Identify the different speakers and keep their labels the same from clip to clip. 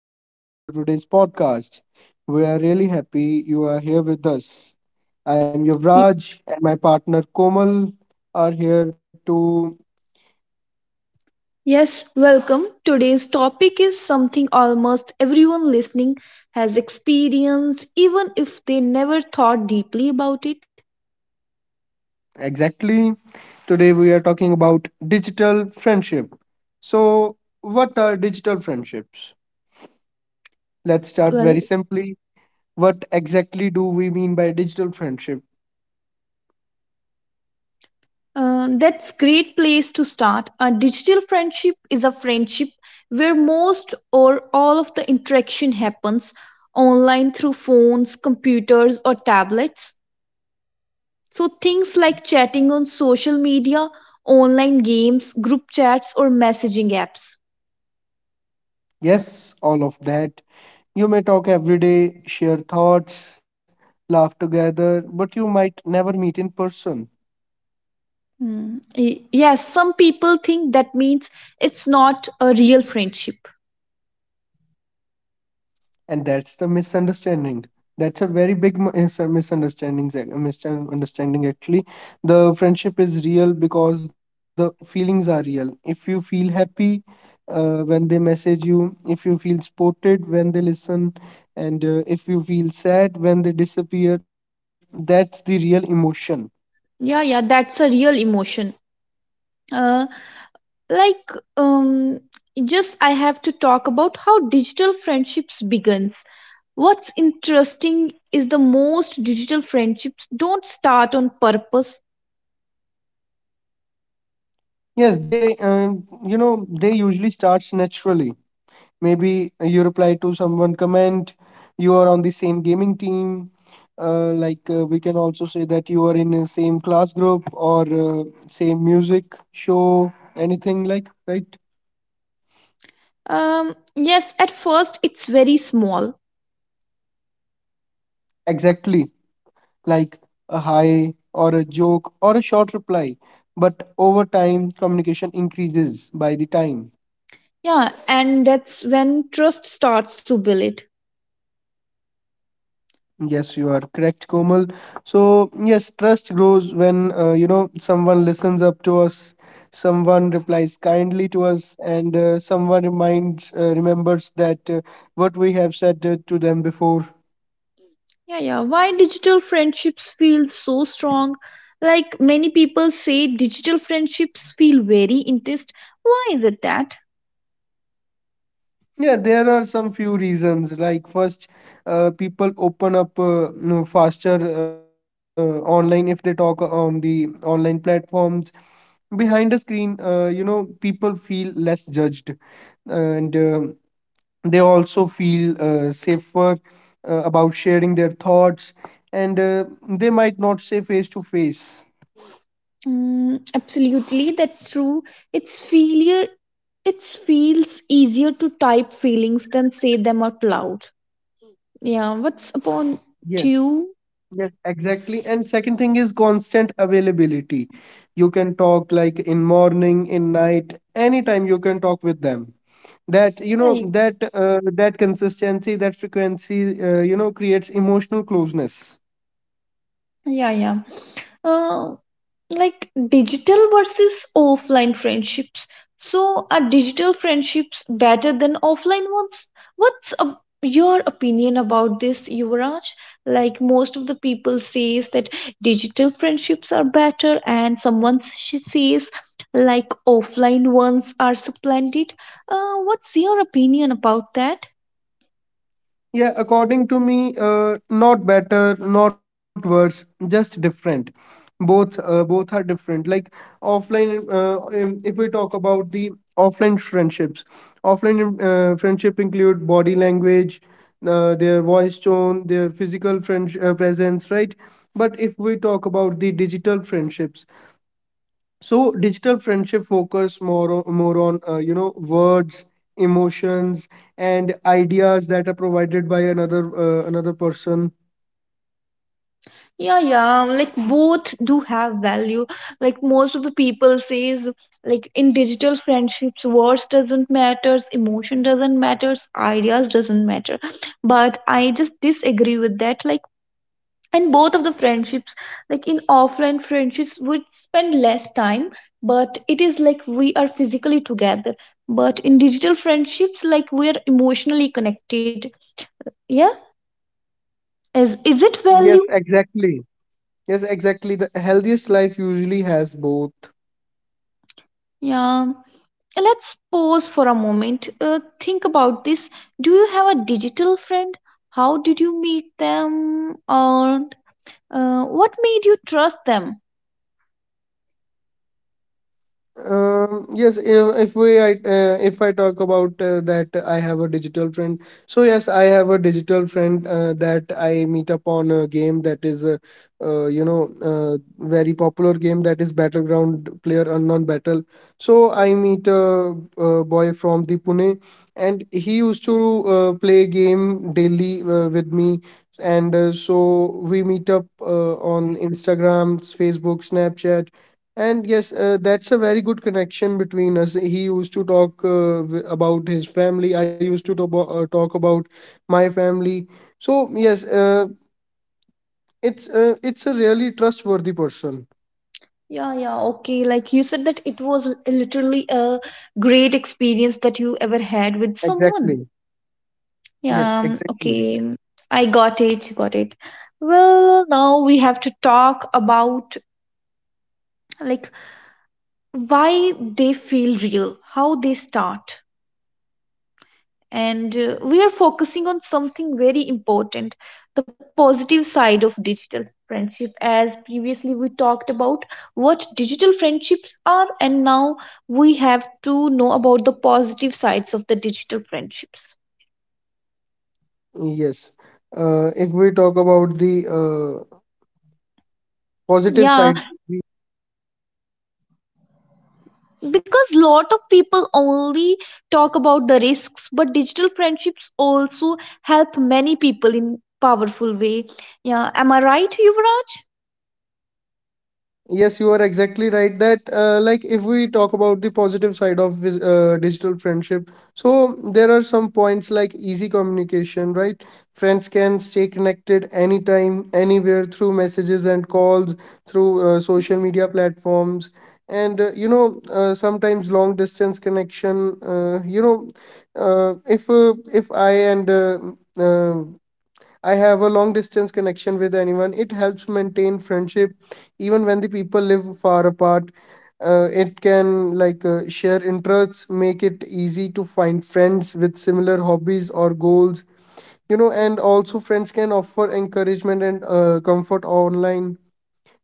Speaker 1: and welcome to today's podcast. We are really happy you are here with us. I'm
Speaker 2: Y-
Speaker 1: Yuvraj, and my partner Komal are here to
Speaker 2: Yes, welcome. Today's topic is something almost everyone listening has experienced, even if they never thought deeply about it.
Speaker 1: exactly. Today, we are talking about digital friendship. So, what are digital friendships? Let's start
Speaker 2: Well,
Speaker 1: very simply. What exactly do we mean by digital friendship?
Speaker 2: that's great place to start. A digital friendship is a friendship where most or all of the interaction happens online through phones, computers, or tablets. So things like chatting on social media, online games, group chats, or messaging apps.
Speaker 1: Yes, all of that. You may talk every day, share thoughts, laugh together, but you might never meet in person.
Speaker 2: Mm. Yes, some people think that means it's not a real friendship.
Speaker 1: And that's the misunderstanding. That's a very big is a misunderstanding, a misunderstanding actually. The friendship is real because the feelings are real. If you feel happy when they message you, if you feel supported when they listen, and if you feel sad when they disappear, that's the real emotion.
Speaker 2: Yeah, yeah, that's a real emotion. Uh, like, um, just I have to talk about how digital friendships begins. What's interesting is the most digital friendships don't start on purpose.
Speaker 1: Yes, they usually starts naturally, maybe you reply to someone comment, you are on the same gaming team, we can also say that you are in the same class group or same music show, anything like right.
Speaker 2: Yes, at first it's very small.
Speaker 1: Exactly, like a hi or a joke or a short reply, but over time communication increases by the time.
Speaker 2: Yeah, and that's when trust starts to build.
Speaker 1: Yes, you are correct, Komal. So, yes, trust grows when, someone listens up to us, someone replies kindly to us, and someone remembers that what we have said to them before.
Speaker 2: Yeah, yeah. Why digital friendships feel so strong? Like many people say, digital friendships feel very intense. Why is it that?
Speaker 1: Yeah, there are some few reasons. Like, first, people open up faster online if they talk on the online platforms. Behind a screen, people feel less judged and they also feel safer about sharing their thoughts, and they might not say face to face.
Speaker 2: Mm, absolutely, that's true. It's failure. It feels easier to type feelings than say them out loud. Yeah. What's upon to
Speaker 1: Yes,
Speaker 2: you?
Speaker 1: yes, exactly. And second thing is constant availability. You can talk like in morning, in night, anytime you can talk with them. That you know
Speaker 2: Yeah,
Speaker 1: that that consistency, that frequency, creates emotional closeness.
Speaker 2: yeah, yeah. yeah. Uh, Digital versus offline friendships. So, are digital friendships better than offline ones? What's a, your opinion about this, Yuvraj? Like most of the people says that digital friendships are better, and someone says like offline ones are supplanted. What's your opinion about that?
Speaker 1: Yeah, according to me, not better, not worse, just different. Both, both are different. Like offline, if we talk about the offline friendships, offline friendship include body language, their voice tone, their physical friend presence, right? But if we talk about the digital friendships, so digital friendship focus more on words, emotions, and ideas that are provided by another person.
Speaker 2: Yeah, yeah, like both do have value. Like most of the people says, like in digital friendships words doesn't matter, emotion doesn't matter, ideas doesn't matter. But I just disagree with that. Like, in both of the friendships, like in offline friendships we spend less time, but it is like we are physically together. But in digital friendships like we are emotionally connected, yeah. Is it
Speaker 1: Yes,
Speaker 2: value?
Speaker 1: exactly. Yes, exactly. The healthiest life usually has both.
Speaker 2: Yeah. Let's pause for a moment. Think about this. Do you have a digital friend? How did you meet them? Or what made you trust them?
Speaker 1: Yes, if we I if I talk about that I have a digital friend. So yes, I have a digital friend that I meet up on a game that is a very popular game, that is Battleground Player Unknown Battle. So I meet a boy from the Pune, and he used to play game daily with me, and so we meet up on Instagram, Facebook, Snapchat, and yes, that's a very good connection between us. He used to talk about his family. I used to talk about talk about my family. So yes, it's a really trustworthy person.
Speaker 2: Yeah, yeah, okay. Like you said that it was literally a great experience that you ever had with someone.
Speaker 1: Exactly.
Speaker 2: Yeah,
Speaker 1: Yes, exactly.
Speaker 2: okay. I got it, got it. Well, now we have to talk about, like, why they feel real, how they start. And we are focusing on something very important, the positive side of digital friendship. As previously we talked about what digital friendships are, and now we have to know about the positive sides of the digital friendships.
Speaker 1: Yes. If we talk about the positive
Speaker 2: Yeah,
Speaker 1: sides.
Speaker 2: because lot of people only talk about the risks, but digital friendships also help many people in powerful way. Yeah, am I right, Yuvraj?
Speaker 1: Yes, you are exactly right that like if we talk about the positive side of digital friendship, so there are some points like easy communication, right? Friends can stay connected anytime, anywhere through messages and calls, through social media platforms, and sometimes long distance connection. You know, if I and uh, I have a long distance connection with anyone. It helps maintain friendship even when the people live far apart. It can share interests, make it easy to find friends with similar hobbies or goals. You know, and also friends can offer encouragement and comfort online.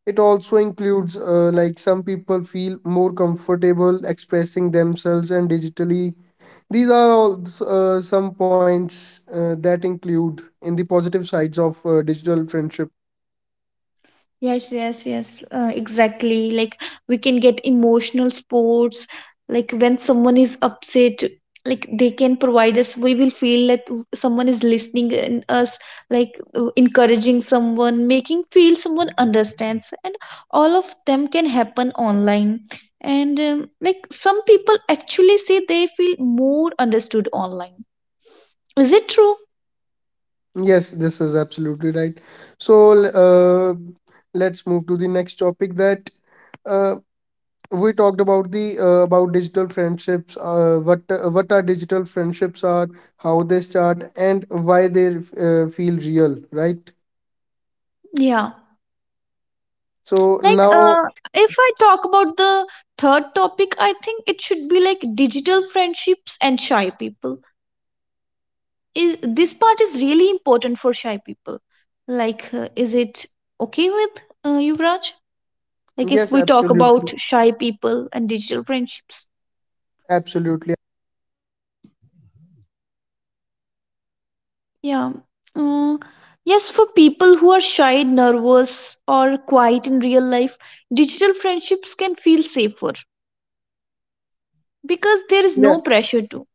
Speaker 1: It also includes some people feel more comfortable expressing themselves and digitally. These are all some points that include in the positive sides of digital friendship.
Speaker 2: Yes, yes, yes, exactly. Like we can get emotional sports. Like when someone is upset, like they can provide us. We will feel that someone is listening in us, like encouraging someone, making feel someone understands, and all of them can happen online. And like some people actually say they feel more understood online. Is it true?
Speaker 1: Yes, this is absolutely right. So let's move to the next topic that uh, we talked about the about digital friendships. What are digital friendships are, how they start, and why they feel real, right?
Speaker 2: Yeah.
Speaker 1: So
Speaker 2: Like
Speaker 1: now,
Speaker 2: if I talk about the third topic, I think it should be like digital friendships and shy people. Is this part is really important for shy people? Like is it okay with you, Raj? Like if
Speaker 1: yes,
Speaker 2: we talk
Speaker 1: absolutely,
Speaker 2: about shy people and digital friendships.
Speaker 1: absolutely.
Speaker 2: Yeah. Mm, yes, for people who are shy, nervous, or quiet in real life, digital friendships can feel safer because there is
Speaker 1: Yeah.
Speaker 2: no pressure to.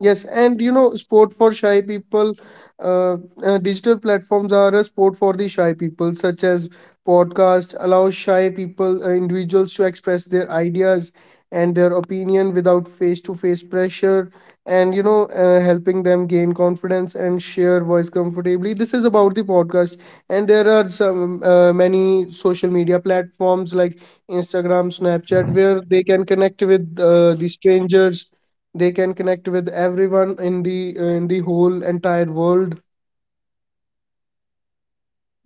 Speaker 1: Yes, and you know, sport for shy people, uh, digital platforms are a sport for the shy people, such as podcast allow shy people, individuals to express their ideas and their opinion without face-to-face pressure, and you know, helping them gain confidence and share voice comfortably. This is about the podcast, and there are some many social media platforms like Instagram, Snapchat, where they can connect with the strangers. They can connect with everyone in the whole entire world.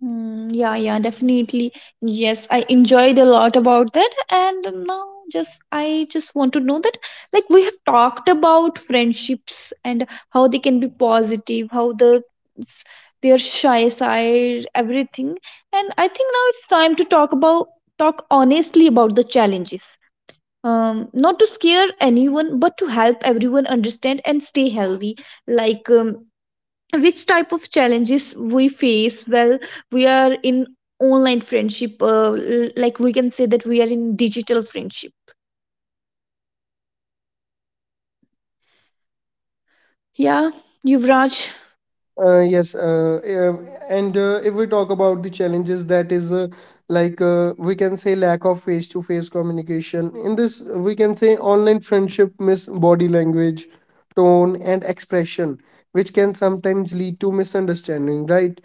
Speaker 2: Mm, yeah, yeah, definitely. Yes, I enjoyed a lot about that. And now just I just want to know that, like, we have talked about friendships and how they can be positive, how the s- their shy side, everything. And I think now it's time to talk honestly about the challenges. Not to scare anyone, but to help everyone understand and stay healthy. Like, which type of challenges we face. Well, we are in online friendship, like we can say that we are in digital friendship. Yeah, Yuvraj.
Speaker 1: Yes and If we talk about the challenges, that is we can say lack of face to face communication. In this we can say online friendship miss body language, tone and expression, which can sometimes lead to misunderstanding, right?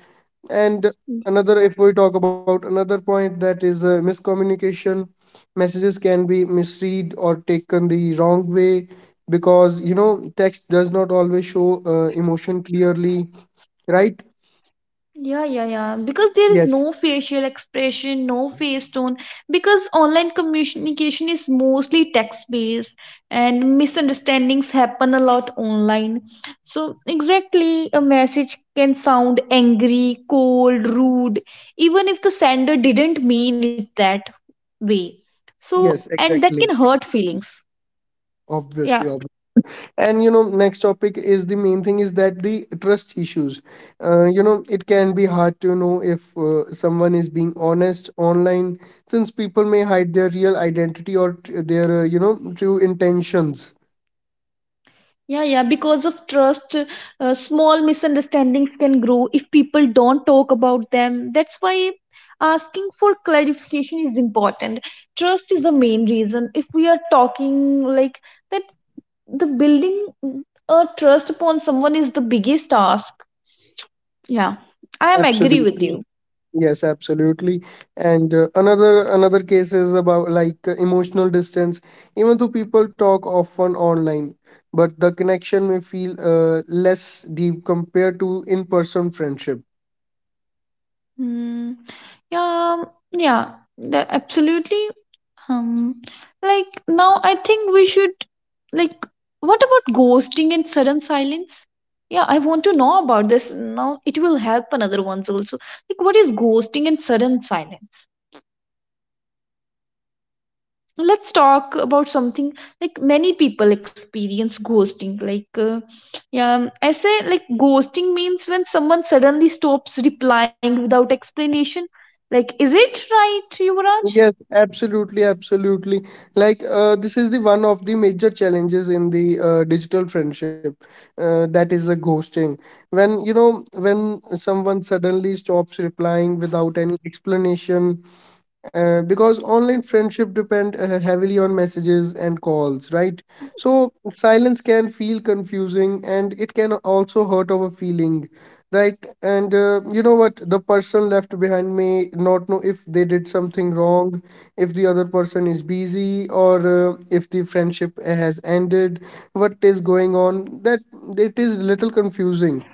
Speaker 1: And another, if we talk about another point, that is miscommunication. Messages can be misread or taken the wrong way, because you know text does not always show emotion clearly, right?
Speaker 2: Yeah, yeah, yeah. Because there is
Speaker 1: Yes,
Speaker 2: no facial expression, no face tone. Because online communication is mostly text based and misunderstandings happen a lot online. So, exactly, a message can sound angry, cold, rude, even if the sender didn't mean it that way. So,
Speaker 1: yes,
Speaker 2: and that can
Speaker 1: exactly,
Speaker 2: hurt feelings. Yeah,
Speaker 1: obviously, obviously. And you know next topic, is the main thing is that the trust issues. You know, it can be hard to know if someone is being honest online, since people may hide their real identity or their true intentions.
Speaker 2: yeah, yeah. Because of trust, small misunderstandings can grow if people don't talk about them. That's why asking for clarification is important. Trust is the main reason. If we are talking like that, the building a trust upon someone is the biggest task. Yeah, I am agree with
Speaker 1: Absolutely.
Speaker 2: you.
Speaker 1: Yes, absolutely. And another case is about like emotional distance. Even though people talk often online, but the connection may feel less deep compared to in-person friendship.
Speaker 2: Hmm. Yeah, yeah, absolutely. Um, like, now, I think we should, like, what about ghosting and sudden silence? Yeah, I want to know about this. Now it will help another ones also. Like what is ghosting and sudden silence? Let's talk about something. Like, many people experience ghosting. Like, yeah, I say like ghosting means when someone suddenly stops replying without explanation. Like is it right, Yuvraj?
Speaker 1: Yes, absolutely, absolutely. Like, this is the one of the major challenges in the digital friendship, that is the ghosting. When, you know, when someone suddenly stops replying without any explanation, because online friendship depend heavily on messages and calls, right? So silence can feel confusing and it can also hurt our feeling, right? And you know what? The person left behind may not know if they did something wrong, if the other person is busy, or if the friendship has ended, what is going on. That it is little confusing.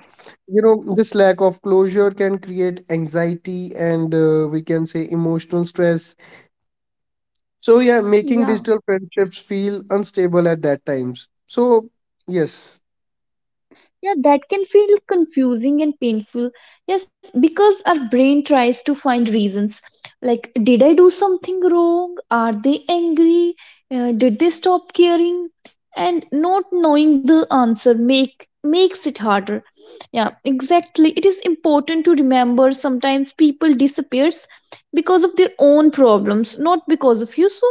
Speaker 1: You know, this lack of closure can create anxiety and we can say emotional stress. So yeah, making
Speaker 2: 一
Speaker 1: digital
Speaker 2: 样？
Speaker 1: friendships feel unstable at that times. So yes.
Speaker 2: Yeah, that can feel confusing and painful. Yes, because our brain tries to find reasons like, did I do something wrong? Are they angry? Did they stop caring? And not knowing the answer makes it harder. Yeah, exactly. It is important to remember sometimes people disappears because of their own problems, not because of you. So,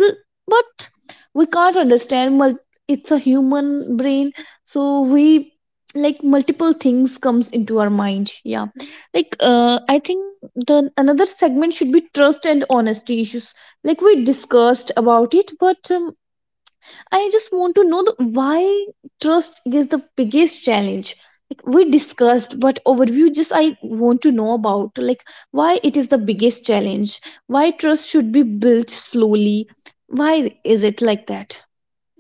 Speaker 2: but we can't understand. It's a human brain, so we, like, multiple things comes into our mind. Yeah, like I think the another segment should be trust and honesty issues. Like, we discussed about it, but I just want to know why trust is the biggest challenge. Like, we discussed, but overview, just I want to know about, like, why it is the biggest challenge, why trust should be built slowly, why is it like that.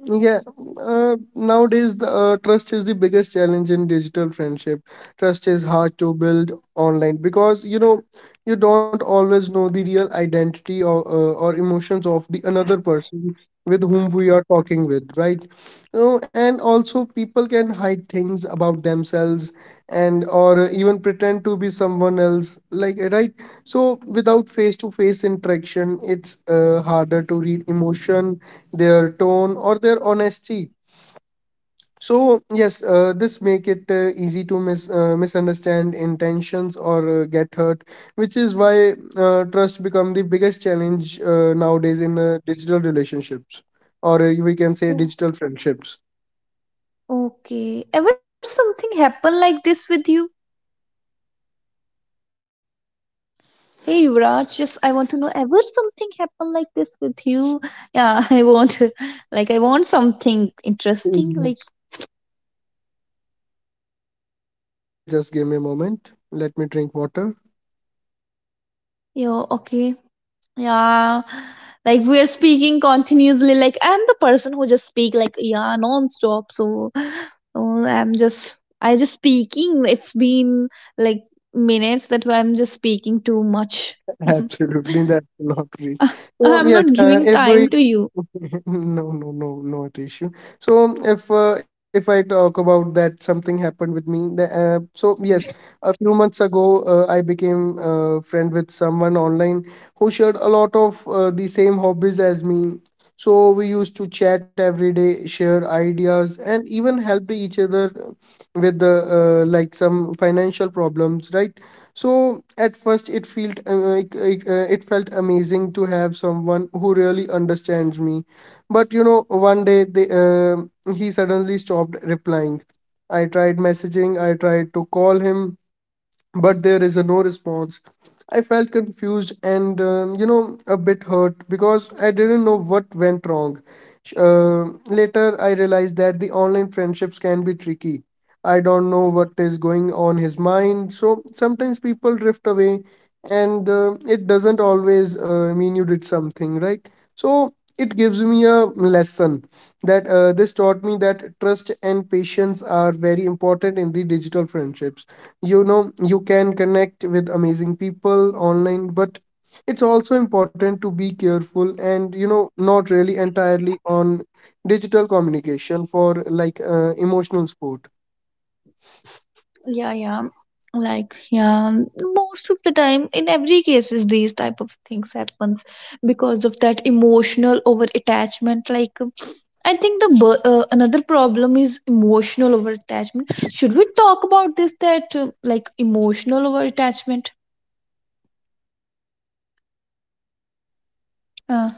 Speaker 1: Yeah, nowadays the trust is the biggest challenge in digital friendship. Trust is hard to build online because you know you don't always know the real identity or emotions of the another person with whom we are talking with, right? You know, and also people can hide things about themselves and or even pretend to be someone else like right. So without face to face interaction it's harder to read emotion, their tone or their honesty. So yes, this make it easy to misunderstand intentions or get hurt, which is why trust become the biggest challenge nowadays in digital relationships, or we can say digital
Speaker 2: Oh,
Speaker 1: friendships.
Speaker 2: okay. Ever something happen like this with you? Hey Yuvraj, just I want to know, ever something happened like this with you? Yeah, I want, like, I want something interesting. Like,
Speaker 1: Yes. Yes, just give me a moment, let me drink water.
Speaker 2: yo, okay, yeah. Like we are speaking continuously. Like, I'm the person who just speak, like, yeah, non-stop. So, I'm just I just speaking. It's been, like, minutes that I'm just speaking too much.
Speaker 1: Absolutely, that's not reach.
Speaker 2: I-
Speaker 1: So
Speaker 2: I'm
Speaker 1: yes,
Speaker 2: not giving
Speaker 1: if
Speaker 2: time
Speaker 1: we
Speaker 2: to you.
Speaker 1: no, no, no, not issue. So if I talk about that something happened with me. So yes, a few months ago I became friend with someone online who shared a lot of the same hobbies as me. So we used to chat every day, share ideas, and even help each other with the some financial problems, right? So at first it felt like it felt amazing to have someone who really understands me. But you know one day he suddenly stopped replying. I tried messaging, I tried to call him, but there is a no response. I felt confused and a bit hurt because I didn't know what went wrong. Sh- Uh, Later, I realized that the online friendships can be tricky. I don't know what is going on his mind, so sometimes people drift away, and it doesn't always mean you did something right. So it gives me a lesson that this taught me that trust and patience are very important in the digital friendships. You can connect with amazing people online, but it's also important to be careful and not really entirely on digital communication for emotional support.
Speaker 2: Yeah, yeah, like, yeah. Most of the time in every cases these type of things happens because of that emotional over attachment. Like, I think another problem is emotional over attachment. Should we talk about this, that like emotional over attachment, uh,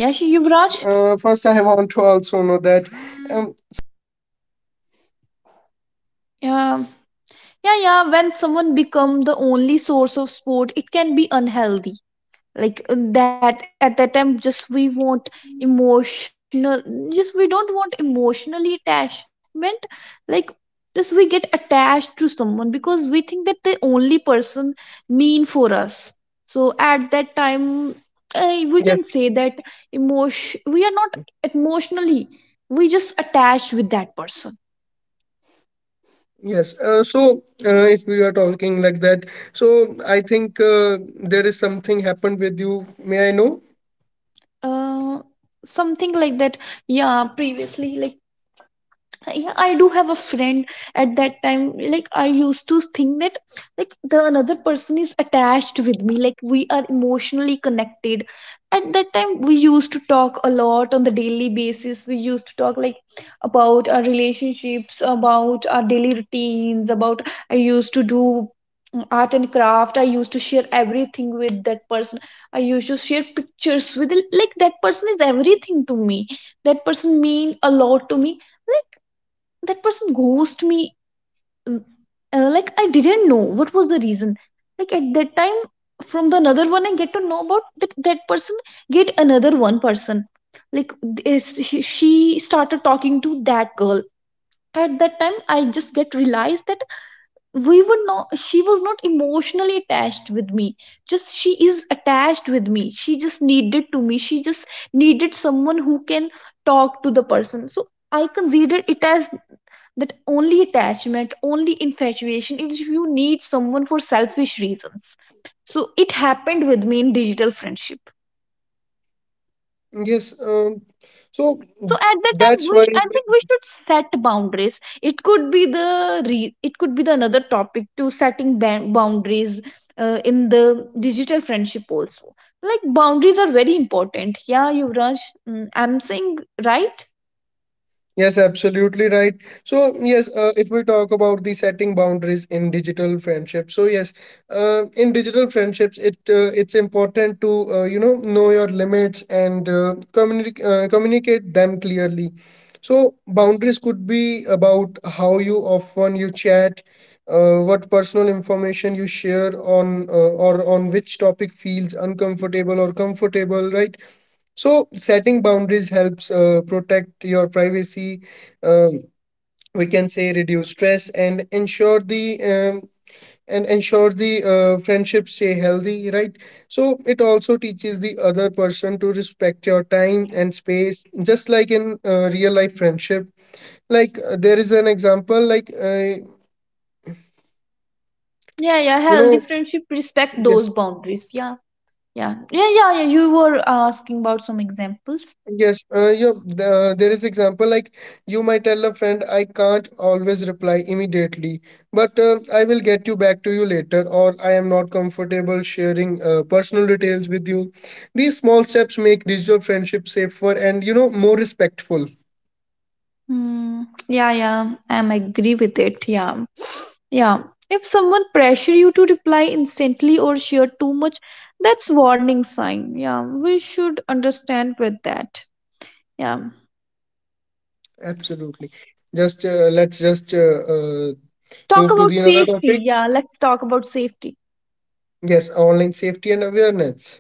Speaker 2: yeah,
Speaker 1: Yes,
Speaker 2: Yuvraj?
Speaker 1: first I want to also know that, something happened with you also like that?
Speaker 2: Yeah, yeah, yeah. When someone become the only source of support it can be unhealthy. Like that, at that time, just we want emotional, just we don't want emotionally attachment. Like, just we get attached to someone because we think that the only person mean for us. So at that time, we can say that
Speaker 1: Yes.
Speaker 2: emotion, we are not emotionally, we just attached with that person.
Speaker 1: Yes, so if we are talking like that, so I think there is something happened with you, may I know?
Speaker 2: uh, Something like that. Yeah, previously, like, yeah, I do have a friend. At that time, like, I used to think that, like, the another person is attached with me, like we are emotionally connected. At that time we used to talk a lot on the daily basis. We used to talk like about our relationships, about our daily routines, about, I used to do, mm, art and craft. I used to share everything with that person. I used to share pictures with. Like, that person is everything to me, that person mean a lot to me. That person ghosted me. mm, like, I didn't know what was the reason. Like, at that time, from the another one I get to know about that person get another one person. Like, this, she started talking to that girl. At that time I just get realized that we were not, she was not emotionally attached with me. Just she is attached with me, she just needed to me, she just needed someone who can talk to the person. So I considered it as that only attachment, only infatuation is if you need someone for selfish reasons. So it happened with me in digital friendship.
Speaker 1: Yes. So
Speaker 2: So at that
Speaker 1: that's
Speaker 2: time,
Speaker 1: why.
Speaker 2: we I think we should set boundaries. It could be the another topic to setting boundaries in the digital friendship also. Like boundaries are very important. Yeah, Yuvraj, mm, I'm saying right.
Speaker 1: Yes, absolutely right. So, yes, if we talk about the setting boundaries in digital friendships, so yes, in digital friendships, it's important to, know your limits and communicate them clearly. So, boundaries could be about how you often you chat, what personal information you share on, or on which topic feels uncomfortable or comfortable, right? So setting boundaries helps protect your privacy. Um, we can say reduce stress and ensure the friendships stay healthy, right? So it also teaches the other person to respect your time and space, just like in real life friendship. Like there is an example,
Speaker 2: Yeah, yeah,
Speaker 1: you
Speaker 2: healthy
Speaker 1: know,
Speaker 2: friendship respect
Speaker 1: yes.
Speaker 2: those boundaries. Yeah. Yeah. Yeah, yeah, yeah. You were asking about some examples.
Speaker 1: Yes, there is example like you might tell a friend, I can't always reply immediately, but I will get you back to you later, or I am not comfortable sharing personal details with you. These small steps make digital friendship safer and more respectful.
Speaker 2: Hmm. Yeah, yeah. I'm agree with it. Yeah. Yeah. If someone pressure you to reply instantly or share too much, that's warning sign. Yeah. We should understand with that. Yeah.
Speaker 1: Absolutely. Just let's just uh,
Speaker 2: Talk
Speaker 1: Move to the
Speaker 2: about
Speaker 1: another
Speaker 2: safety.
Speaker 1: topic.
Speaker 2: Yeah, let's talk about safety.
Speaker 1: Yes, online safety and awareness.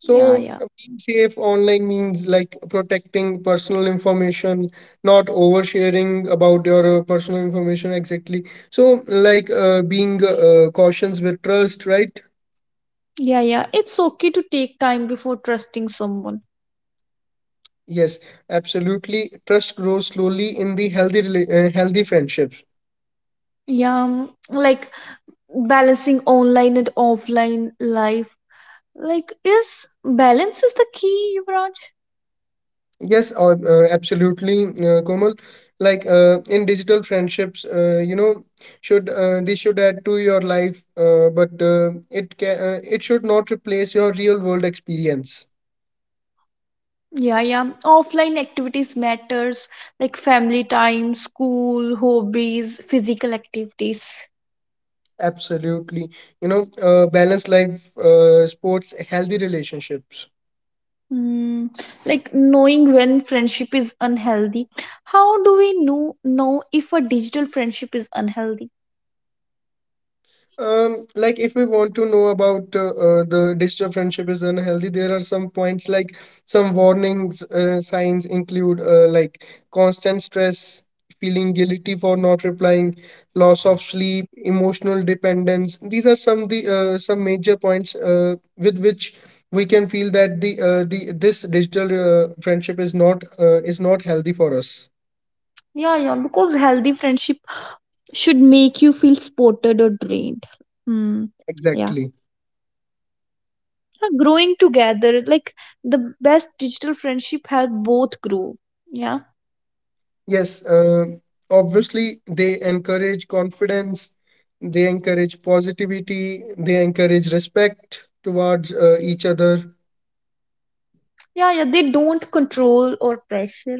Speaker 2: Yeah, yeah.
Speaker 1: being safe online means like protecting personal information, not oversharing about your personal information exactly. So, like being cautious with trust, right?
Speaker 2: Yeah, yeah. It's okay to take time before trusting someone.
Speaker 1: Yes, absolutely. Trust grows slowly in the healthy friendships.
Speaker 2: Yeah. Like, balancing online and offline life. Like, is balance is the key, Yuvraj?
Speaker 1: Yes, absolutely, Komal. Like in digital friendships, should they should add to your life, but it can it should not replace your real world experience.
Speaker 2: Yeah, yeah. Offline activities matters, like family time, school, hobbies, physical activities.
Speaker 1: Absolutely, balanced life, sports, healthy relationships.
Speaker 2: Hmm. Like, knowing when friendship is unhealthy. How do we know if a digital friendship is unhealthy?
Speaker 1: Like if we want to know about the digital friendship is unhealthy, there are some points like some warnings signs include like constant stress, feeling guilty for not replying, loss of sleep, emotional dependence. These are some the some major points with which we can feel that the this digital friendship is not healthy for us.
Speaker 2: Yeah, yeah. Because healthy friendship should make you feel supported or drained. Hmm. Yeah.
Speaker 1: Exactly.
Speaker 2: Growing together, like the best digital friendship help both grow. Yeah.
Speaker 1: Yes, obviously, they encourage confidence, they encourage positivity, they encourage respect towards each other.
Speaker 2: Yeah, yeah, they don't control or pressure.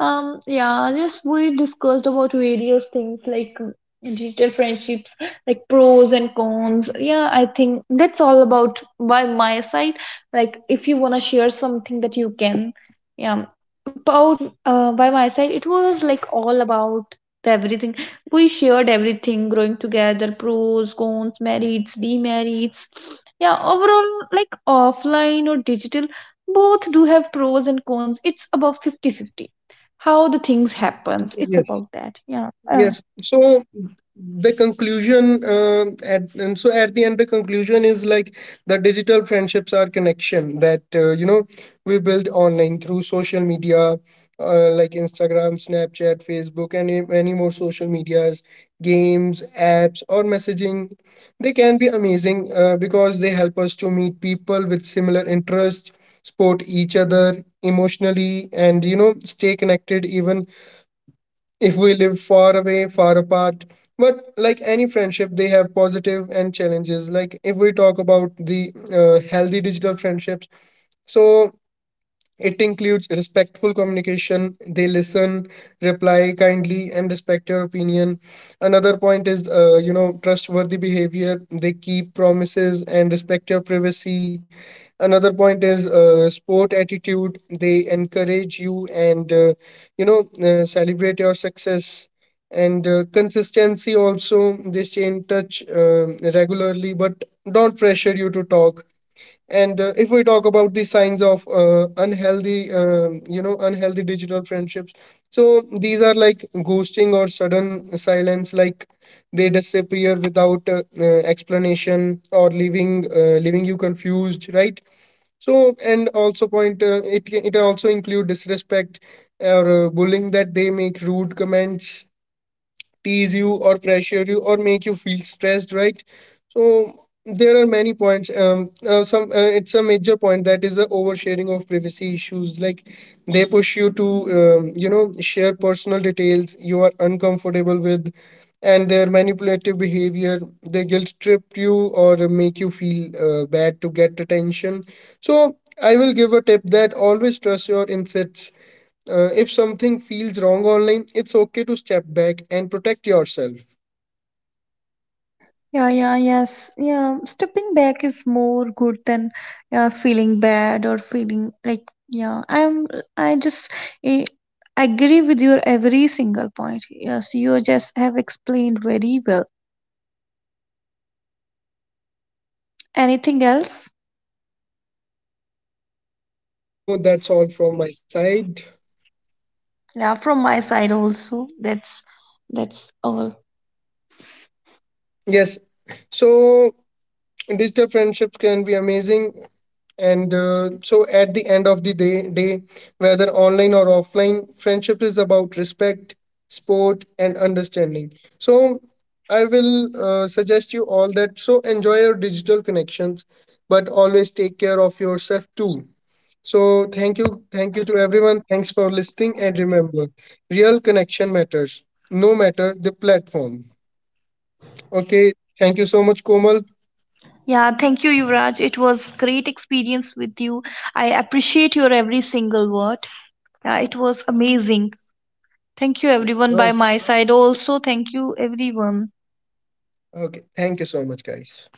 Speaker 2: Yeah, just we discussed about various things, like digital friendships, like pros and cons. Yeah, I think that's all about by my side. Like, if you want to share something that you can. Yeah, about, by my side it was like all about the everything. We shared everything: growing together, pros, cons, merits, demerits. Yeah, overall, like offline or digital, both do have pros and cons. It's about 50-50. How the things happens, it's
Speaker 1: Yes.
Speaker 2: about that. Yeah,
Speaker 1: Yes. So the conclusion, at and so at the end the conclusion is like the digital friendships are connection that we build online through social media, like Instagram, Snapchat, Facebook, and many more social medias, games, apps, or messaging. They can be amazing because they help us to meet people with similar interests, support each other emotionally, and stay connected even if we live far away, far apart. But like any friendship, they have positive and challenges. Like if we talk about the healthy digital friendships, so it includes respectful communication. They listen, reply kindly, and respect your opinion. Another point is, trustworthy behavior. They keep promises and respect your privacy. Another point is sport attitude. They encourage you and, celebrate your success. And consistency also. They stay in touch regularly, but don't pressure you to talk. And if we talk about the signs of unhealthy digital friendships, so these are like ghosting or sudden silence, like they disappear without explanation or leaving you confused, right? So, and also point it also include disrespect or bullying, that they make rude comments, tease you or pressure you or make you feel stressed, right? So there are many points. Some It's a major point that is the oversharing of privacy issues, like they push you to share personal details you are uncomfortable with. And their manipulative behavior, they guilt trip you or make you feel bad to get attention. So I will give a tip that always trust your insights. If something feels wrong online, it's okay to step back and protect yourself.
Speaker 2: Yeah, yeah, yes. Yeah, stepping back is more good than, yeah, feeling bad or feeling like, yeah. I just eh, agree with your every single point. Yes, you just have explained very well. Anything else?
Speaker 1: No, that's all from my side.
Speaker 2: Yeah, from my side also. That's all.
Speaker 1: Yes. So digital friendships can be amazing. And so at the end of the day, whether online or offline, friendship is about respect, sport, and understanding. So I will suggest you all that. So enjoy your digital connections, but always take care of yourself too. So thank you to everyone. Thanks for listening, and remember, real connection matters, no matter the platform. Okay, thank you so much, Komal.
Speaker 2: Yeah, thank you, Yuvraj. It was great experience with you. I appreciate your every single word. Yeah, it was amazing. Thank you, everyone,
Speaker 1: Yeah.
Speaker 2: by my side. Also, thank you, everyone.
Speaker 1: Okay, thank you so much, guys.